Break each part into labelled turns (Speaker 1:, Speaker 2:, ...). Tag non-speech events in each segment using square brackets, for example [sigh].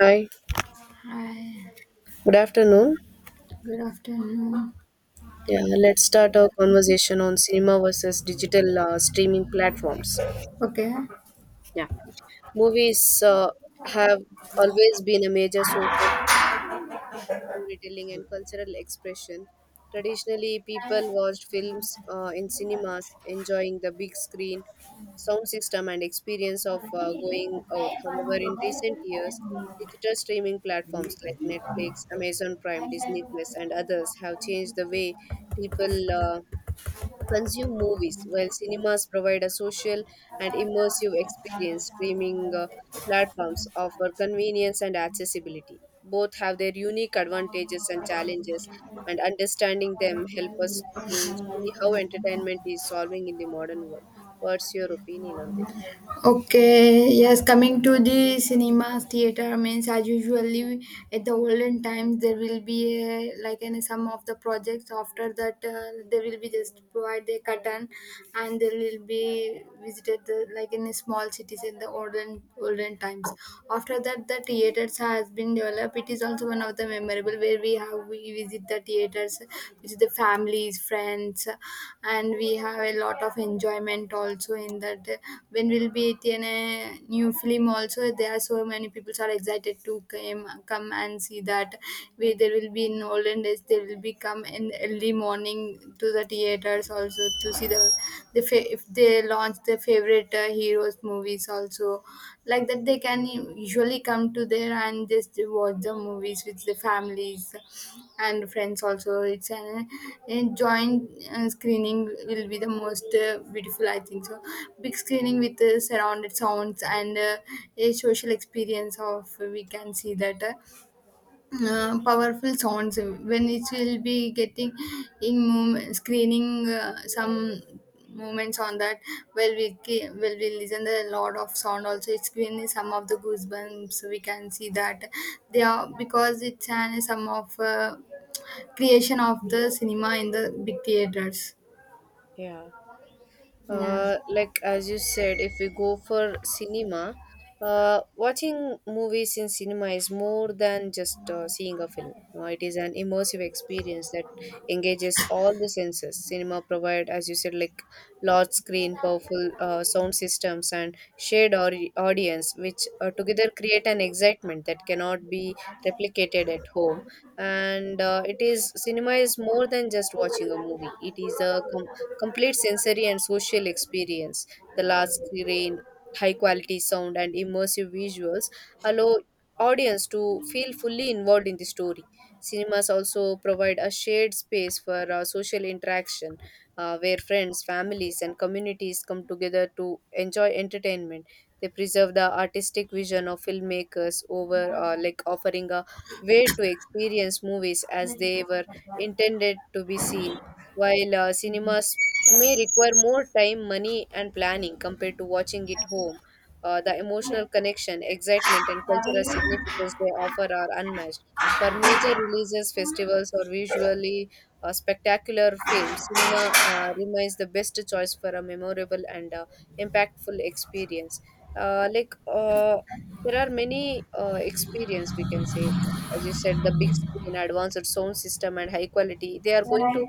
Speaker 1: Hi,
Speaker 2: Hi,
Speaker 1: good afternoon.
Speaker 2: good afternoon.
Speaker 1: Yeah, let's start our conversation on cinema versus digital streaming platforms.
Speaker 2: Okay,
Speaker 1: Yeah. Movies have always been a major source of storytelling and cultural expression. Traditionally, people watched films in cinemas, enjoying the big screen, sound system, and experience of going out. However, in recent years, digital streaming platforms like Netflix, Amazon Prime, Disney Plus, and others have changed the way people consume movies, while cinemas provide a social and immersive experience. Streaming platforms offer convenience and accessibility. Both have their unique advantages and challenges, and understanding them help us to see how entertainment is solving in the modern world. What's your opinion on this?
Speaker 2: okay, yes, coming to the cinemas theater means as usually at the olden times there will be a, like in some of the projects after that there will be just provide a curtain and there will be visited the, like in small cities in the olden times. After that the theaters has been developed. It is also one of the memorable where we visit the theaters with the families friends, and we have a lot of enjoyment also in that when we'll be at in a new film also there are so many people are excited to come and see that we there will be in olden days they will be come in early morning to the theaters also to see if they launch their favorite heroes movies also, like that they can usually come to there and just watch the movies with the families and friends also. It's an a joint screening will be the most beautiful, I think so. Big screening with surrounded sounds and a social experience of we can see that powerful sounds when it will be getting in screening some moments on that. Well we listen the lot of sound also, it's been some of the goosebumps we can see that they are, because it's an some of creation of the cinema in the big theaters.
Speaker 1: Yeah.
Speaker 2: Yeah.
Speaker 1: Like as you said, if we go for cinema, watching movies in cinema is more than just seeing a film. It is an immersive experience that engages all the senses. Cinema provide, as you said, like large screen, powerful sound systems, and shared audience, which together create an excitement that cannot be replicated at home. And it is cinema is more than just watching a movie. It is a complete sensory and social experience. The large screen, high quality sound, and immersive visuals allow audience to feel fully involved in the story. Cinemas also provide a shared space for social interaction where friends, families, and communities come together to enjoy entertainment. They preserve the artistic vision of filmmakers over like offering a way to experience movies as they were intended to be seen. While cinemas may require more time, money, and planning compared to watching it home. The emotional connection, excitement, and cultural significance they offer are unmatched. For major releases, festivals, or visually spectacular films, cinema remains the best choice for a memorable and impactful experience. Uh, like uh, there are many experience we can say, as you said, the big screen, advanced sound system, and high quality. They are going to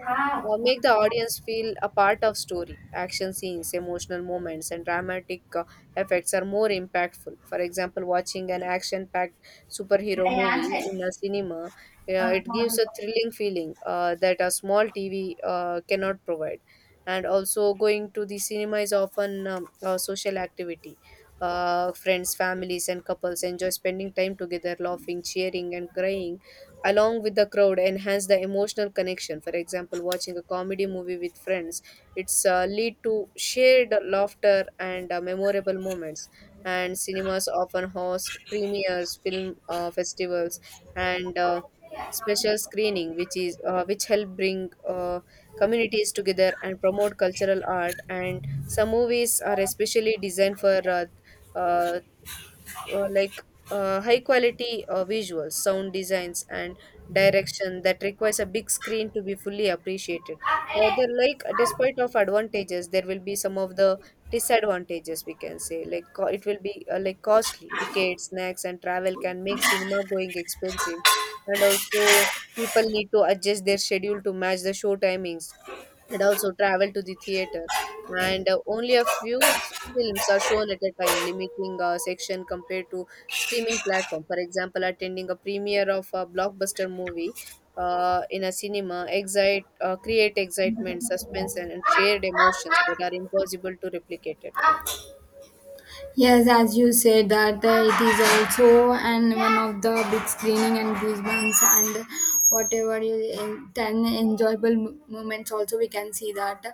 Speaker 1: make the audience feel a part of story, action scenes, emotional moments, and dramatic effects are more impactful. For example, watching an action packed superhero movie in a cinema, it gives a thrilling feeling that a small TV cannot provide. And also, going to the cinema is often a social activity. Friends, families, and couples enjoy spending time together, laughing, cheering, and crying along with the crowd, enhance the emotional connection. For example, watching a comedy movie with friends, it's lead to shared laughter and memorable moments. And cinemas often host premieres, film festivals, and special screening which is which help bring uh, communities together and promote cultural art. And some movies are especially designed for uh, uh, like high quality visuals, sound designs, and direction that requires a big screen to be fully appreciated. However, like despite of advantages, there will be some of the disadvantages we can say. Like, it will be like costly tickets, snacks, and travel can make cinema going expensive, and also people need to adjust their schedule to match the show timings and also travel to the theater. And only a few films are shown at a time, limiting section compared to streaming platform. For example, attending a premiere of a blockbuster movie in a cinema create excitement, suspense, and shared emotions that are impossible to replicate at home.
Speaker 2: Yes, as you said that it is also and one of the big screening and these ones, and whatever you en- ten enjoyable moments also we can see that.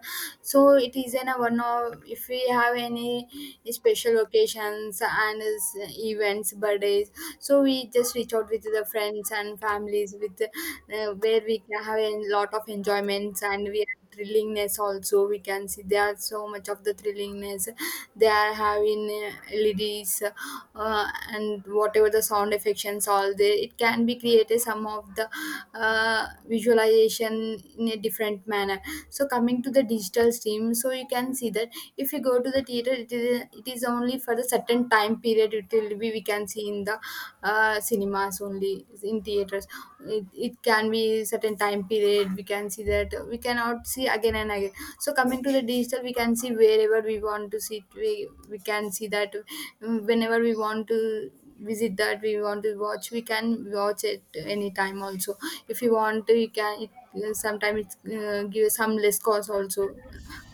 Speaker 2: So it is in a one of if we have any special occasions and is events birthdays, so we just reach out with the friends and families with where we can have a lot of enjoyments, and we thrillingness also we can see. There are so much of the thrillingness they are having leds and whatever the sound effects all there, it can be created some of the visualization in a different manner. So coming to the digital stream, so you can see that if you go to the theater, it is only for the certain time period. It will be we can see in the cinemas only in theater interest. It can be certain time period we can see that, we cannot see again and again. So coming to the digital, we can see wherever we want to see it, we can see that, mm, whenever we want to visit that, we want to watch, we can watch it anytime also. If you want to you can, it, sometime it give some less cost also.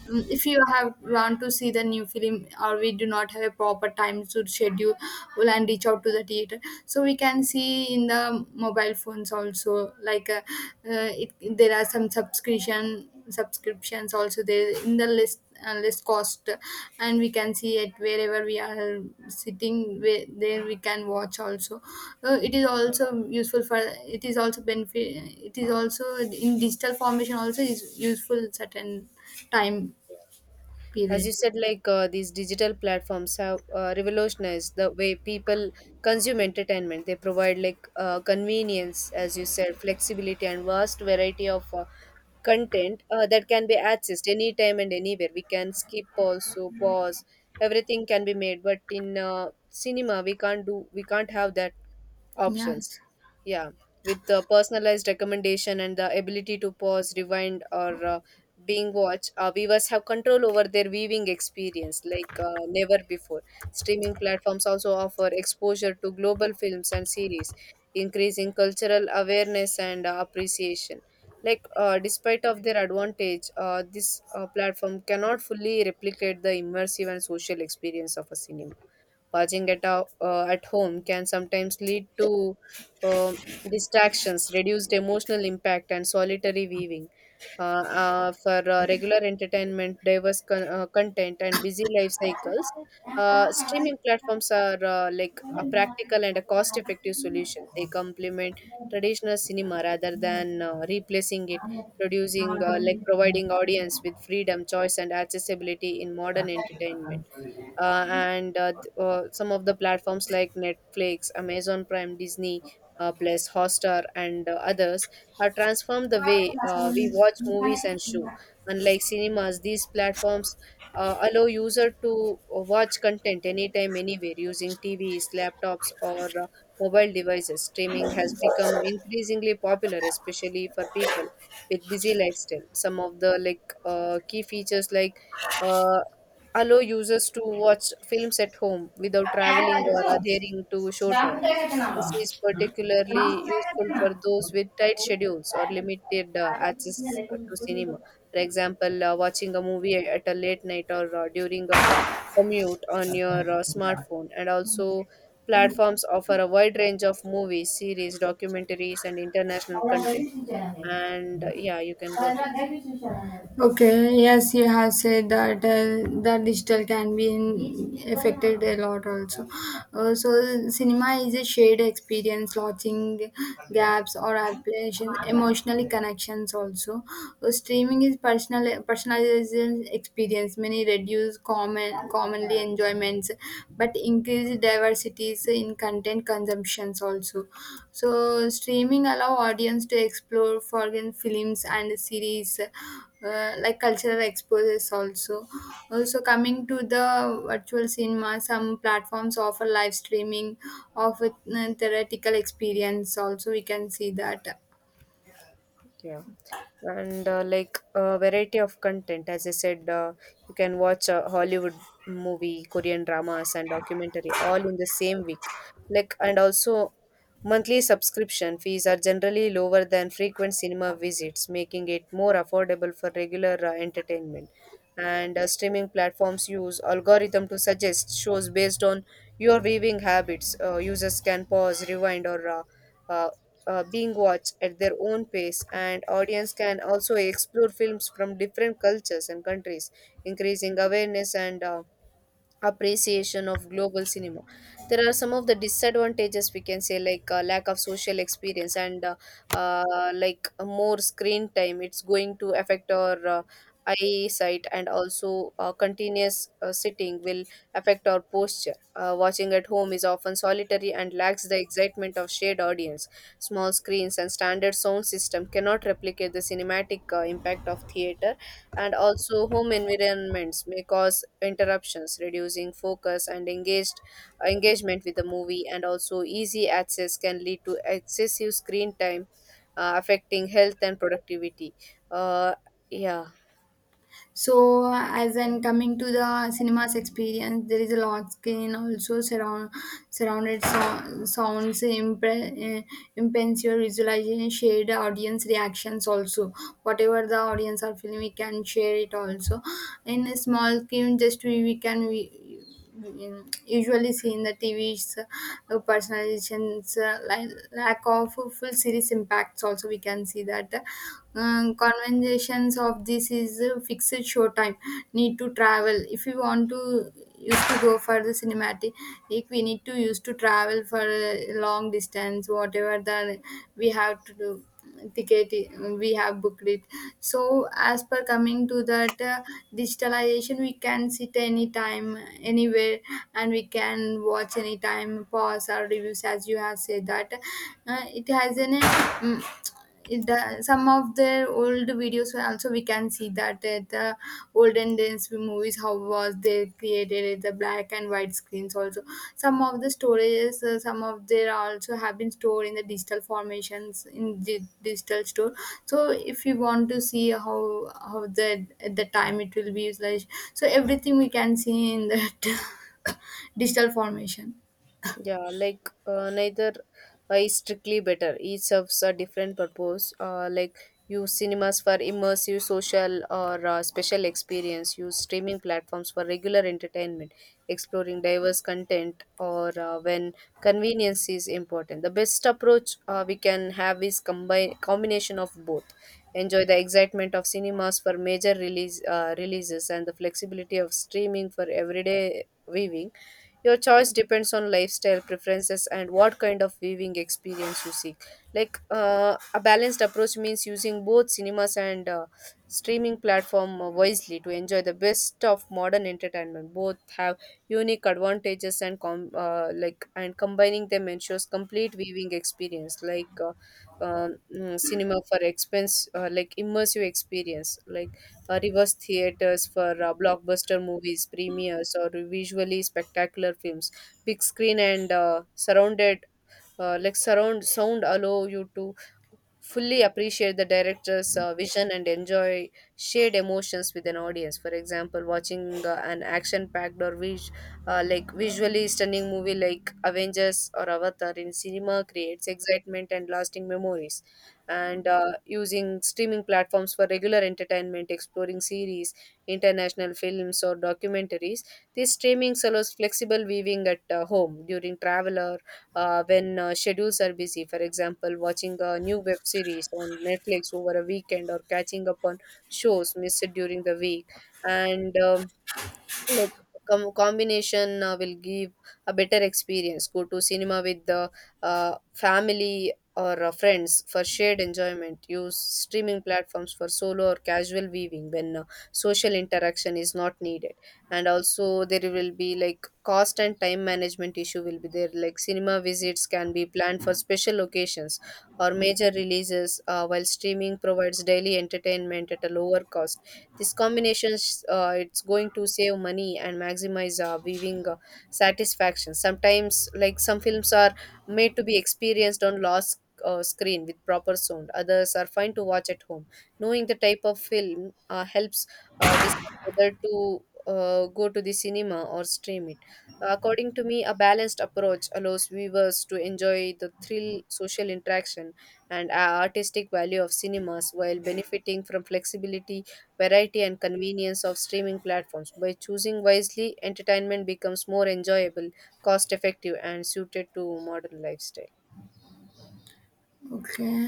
Speaker 2: Mm, if you have want to see the new film, or we do not have a proper time to schedule well, and reach out to the theater, so we can see in the mobile phones also, like it, there are some subscriptions also there in the list, list cost, and we can see it wherever we are sitting where, there we can watch also. It is also useful for, it is also benefit, it is also in digital formation also is useful certain time
Speaker 1: As
Speaker 2: period.
Speaker 1: you said, like these digital platforms have revolutionized the way people consume entertainment. They provide like convenience, as you said, flexibility, and vast variety of content that can be accessed anytime and anywhere. We can skip also, pause, everything can be made. But in cinema, we can't do, we can't have that options.
Speaker 2: Yes.
Speaker 1: Yeah, with the personalized recommendation and the ability to pause, rewind, or being watched, viewers have control over their viewing experience like never before. Streaming platforms also offer exposure to global films and series, increasing cultural awareness and appreciation. Like, despite of their advantage, this platform cannot fully replicate the immersive and social experience of a cinema. Watching at a, at home can sometimes lead to um distractions, reduced emotional impact, and solitary viewing. For regular entertainment, content, and busy life cycles, streaming platforms are like a practical and a cost-effective solution. They complement traditional cinema rather than replacing it, producing like providing audience with freedom, choice, and accessibility in modern entertainment some of the platforms like Netflix, Amazon Prime, Disney Plus, Hotstar, and others have transformed the way we watch movies and show. Unlike cinemas, these platforms allow user to watch content anytime, anywhere using TVs, laptops, or mobile devices. Streaming has become increasingly popular, especially for people with busy lifestyle. Some of the like key features like uh, allow users to watch films at home without traveling or adhering to showtimes. This is particularly useful for those with tight schedules or limited access to cinema. For example, watching a movie at a late night or during a commute on your smartphone. And also, platforms offer a wide range of movies, series, documentaries, and international content. And yeah, you can go ahead.
Speaker 2: Okay, yes, you have said that the digital can be in, affected a lot also. So, cinema is a shared experience, lodging gaps or applications, emotionally connections also. Streaming is personalization experience. Many reduce commonly enjoyments, but increase diversities in content consumptions also. So, streaming allow audience to explore foreign films and series, like cultural exposes also. Also coming to the virtual cinema, some platforms offer live streaming of a theoretical experience also we can see that.
Speaker 1: Yeah. And like a variety of content, as I said, you can watch a Hollywood movie, Korean dramas, and documentary all in the same week. Like, and also monthly subscription fees are generally lower than frequent cinema visits, making it more affordable for regular entertainment. And streaming platforms use algorithm to suggest shows based on your viewing habits. Users can pause, rewind, or uh, being watched at their own pace, and audience can also explore films from different cultures and countries, increasing awareness and appreciation of global cinema. There are some of the disadvantages we can say, like lack of social experience and uh, like more screen time. It's going to affect our eyesight, and also continuous sitting will affect our posture. Watching at home is often solitary and lacks the excitement of shared audience. Small screens and standard sound system cannot replicate the cinematic impact of theater, and also home environments may cause interruptions, reducing focus and engaged engagement with the movie. And also easy access can lead to excessive screen time, affecting health and productivity. uh, yeah.
Speaker 2: So as I'm coming to the cinema's experience, there is a large screen also, sounds impens your visualization, shared audience reactions also. Whatever the audience are feeling, we can share it also. In a small screen, just we can we in- usually see in the TVs, personalizations, lack of full series impacts. Also, we can see that the, conventions of this is fixed showtime, need to travel. If we want to used to go for the cinematic, if we need to used to travel for a long distance, whatever the we have to do ticket, we have booked it. So as per coming to that, digitalization, we can sit anytime, anywhere, and we can watch anytime pause our reviews. As you have said that it has an, some of their old videos were also we can see that, the olden days movies how was they created it, the black and white screens also. Some of the storages, some of their also have been stored in the digital formations in the digital store. So if you want to see how the at the time it will be used like, so everything we can see in that [laughs] digital formation.
Speaker 1: Yeah, like neither is strictly better. Each serves a different purpose. Like, use cinemas for immersive, social, or special experience. Use streaming platforms for regular entertainment, exploring diverse content, or when convenience is important. The best approach we can have is combine combination of both. Enjoy the excitement of cinemas for major release releases and the flexibility of streaming for everyday viewing. Your choice depends on lifestyle preferences and what kind of viewing experience you seek. Like a balanced approach means using both cinemas and streaming platform wisely to enjoy the best of modern entertainment. Both have unique advantages, and combining them ensures complete viewing experience. Like cinema for expense, like immersive experience, like reverse theaters for blockbuster movies, premieres, or visually spectacular films. Big screen and surrounded, like surround sound, allow you to fully appreciate the director's vision and enjoy shared emotions with an audience. For example, watching an action packed or like visually stunning movie like Avengers or Avatar in cinema creates excitement and lasting memories. And using streaming platforms for regular entertainment, exploring series, international films, or documentaries, this streaming allows flexible viewing at home, during travel, when schedules are busy. For example, watching a new web series on Netflix over a weekend or catching up on shows missed during the week. And like combination will give a better experience. Go to cinema with the family or friends for shared enjoyment. Use streaming platforms for solo or casual viewing when social interaction is not needed. And also there will be like cost and time management issue will be there. Like cinema visits can be planned for special occasions or major releases, while streaming provides daily entertainment at a lower cost. This combinations, it's going to save money and maximize viewing satisfaction. Sometimes, like some films are made to be experienced on large screen with proper sound. Others are fine to watch at home. Knowing the type of film helps decide whether to go to the cinema or stream it. According to me, a balanced approach allows viewers to enjoy the thrill, social interaction, and artistic value of cinemas while benefiting from flexibility, variety, and convenience of streaming platforms. By choosing wisely, entertainment becomes more enjoyable, cost effective, and suited to modern lifestyle.
Speaker 2: Okay.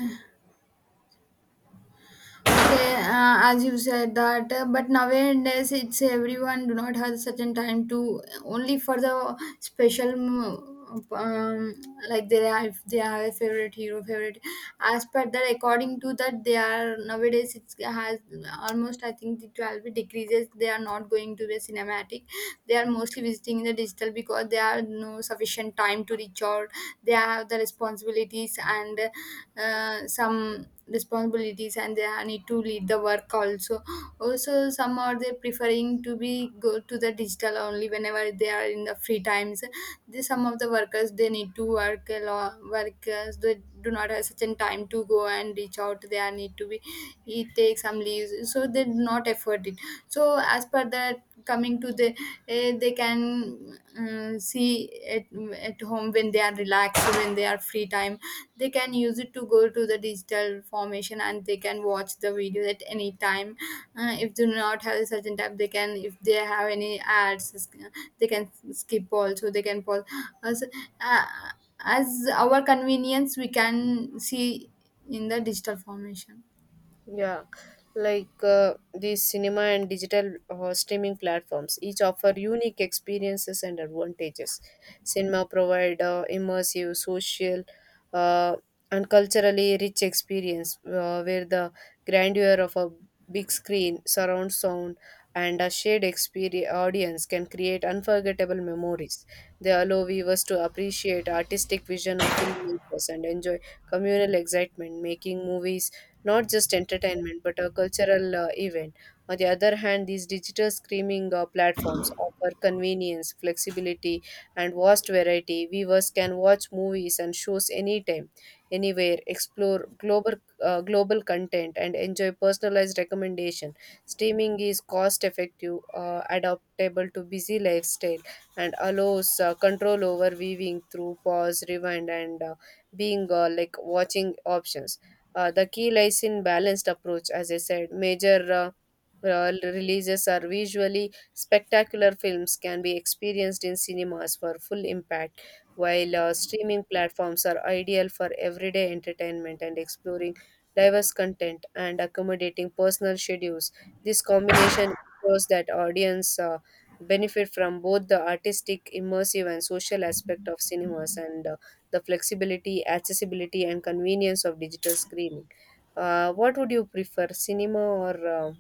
Speaker 2: Okay, as you said that, but nowadays it's everyone do not have such a time to, only for the special, mm, like they are if they have a favorite, as per that, according to that they are nowadays. It has almost, I think the 12 decreases, they are not going to the cinematic. They are mostly visiting the digital because they are no sufficient time to reach out. They have the responsibilities and, some responsibilities, and they are- need to lead the work also. Also some are they preferring to be go to the digital only whenever they are in the free times. The, some of the workers they need to work a lot, workers they do not have such a time to go and reach out, they are need to be he take some leaves, so they do not afford it. So as per that, coming to the, eh, they can see at at home when they are relaxed, when they are free time, they can use it to go to the digital formation and they can watch the videos at any time. If they do not have a certain time, they can, if they have any ads, they can skip also, they can pause as, uh, as our convenience we can see in the digital formation.
Speaker 1: Yeah, like the cinema and digital streaming platforms each offer unique experiences and advantages. Cinema provide immersive, social, uh, and culturally rich experience where the grandeur of a big screen, surround sound, and a shared experience audience can create unforgettable memories. They allow viewers to appreciate artistic vision of filmmakers and enjoy communal excitement, making movies not just entertainment but a cultural event. On the other hand, these digital streaming platforms offer convenience, flexibility, and vast variety. Viewers can watch movies and shows anytime, anywhere, explore global content, and enjoy personalized recommendation. Streaming is cost effective, adaptable to busy lifestyle, and allows control over viewing through pause, rewind, and being like watching options. The key lies in balanced approach, as I said. Major Releases are visually spectacular films can be experienced in cinemas for full impact, while streaming platforms are ideal for everyday entertainment and exploring diverse content and accommodating personal schedules. This combination ensures that audience benefit from both the artistic, immersive, and social aspect of cinemas and the flexibility, accessibility, and convenience of digital screening. What would you prefer, cinema or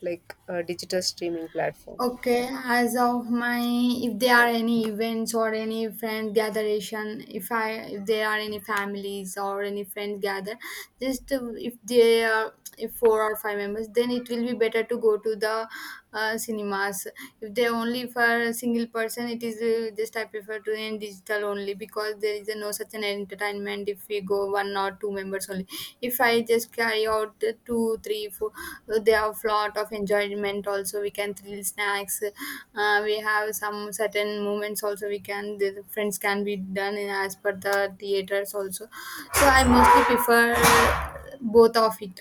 Speaker 1: like a digital streaming platform?
Speaker 2: Okay, as of my, if there are any events or any friend gatheration, if I, if there are any families or any friends gather, just if they are, if four or five members, then it will be better to go to the cinemas. If they only for a single person, it is just I prefer to in digital only, because there is a no such an entertainment if we go one or two members only. If I just carry out the two, three, four, they have lot of enjoyment. Also, we can thrill snacks. We have some certain moments. Also, we can the friends can be done in as per the theaters. Also, so I mostly prefer both of it.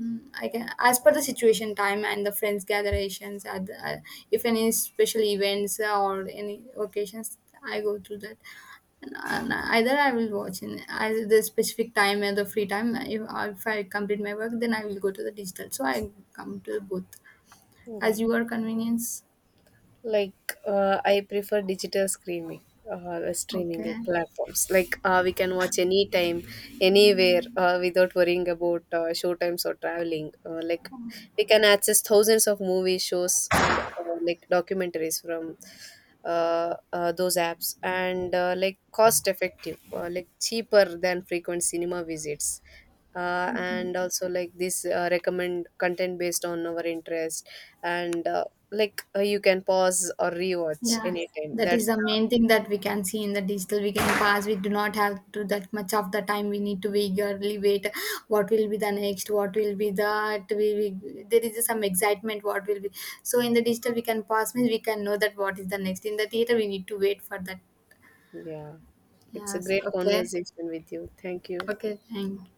Speaker 2: Mm, I can,
Speaker 1: Yeah.
Speaker 2: as per the situation, time and the friends gatherations, at the, if any special events or any occasions, I go through that. And either I will watch in at the specific time or the free time. If I complete my work, then I will go to the digital. So I come to both as
Speaker 1: Yeah.
Speaker 2: your convenience.
Speaker 1: Like I prefer streaming
Speaker 2: Okay.
Speaker 1: platforms. Like we can watch anytime, anywhere, without worrying about show times or traveling. Like we can access thousands of movie shows and like documentaries from those apps, and like cost effective, like cheaper than frequent cinema visits,
Speaker 2: Okay.
Speaker 1: and also like this recommend content based on our interest, and like you can pause or rewatch
Speaker 2: Yeah.
Speaker 1: anytime.
Speaker 2: That is
Speaker 1: That's
Speaker 2: the main thing that we can see in the digital. We can pass. We do not have to that much of the time. We need to eagerly wait. What will be the next? What will be that? We there is some excitement. What will be? So in the digital, we can pass. Means we can know that what is the next. In the theater, we need to wait for that.
Speaker 1: yeah, it's a
Speaker 2: Yes.
Speaker 1: great
Speaker 2: Okay.
Speaker 1: conversation with you. Thank you.
Speaker 2: Okay. Thank.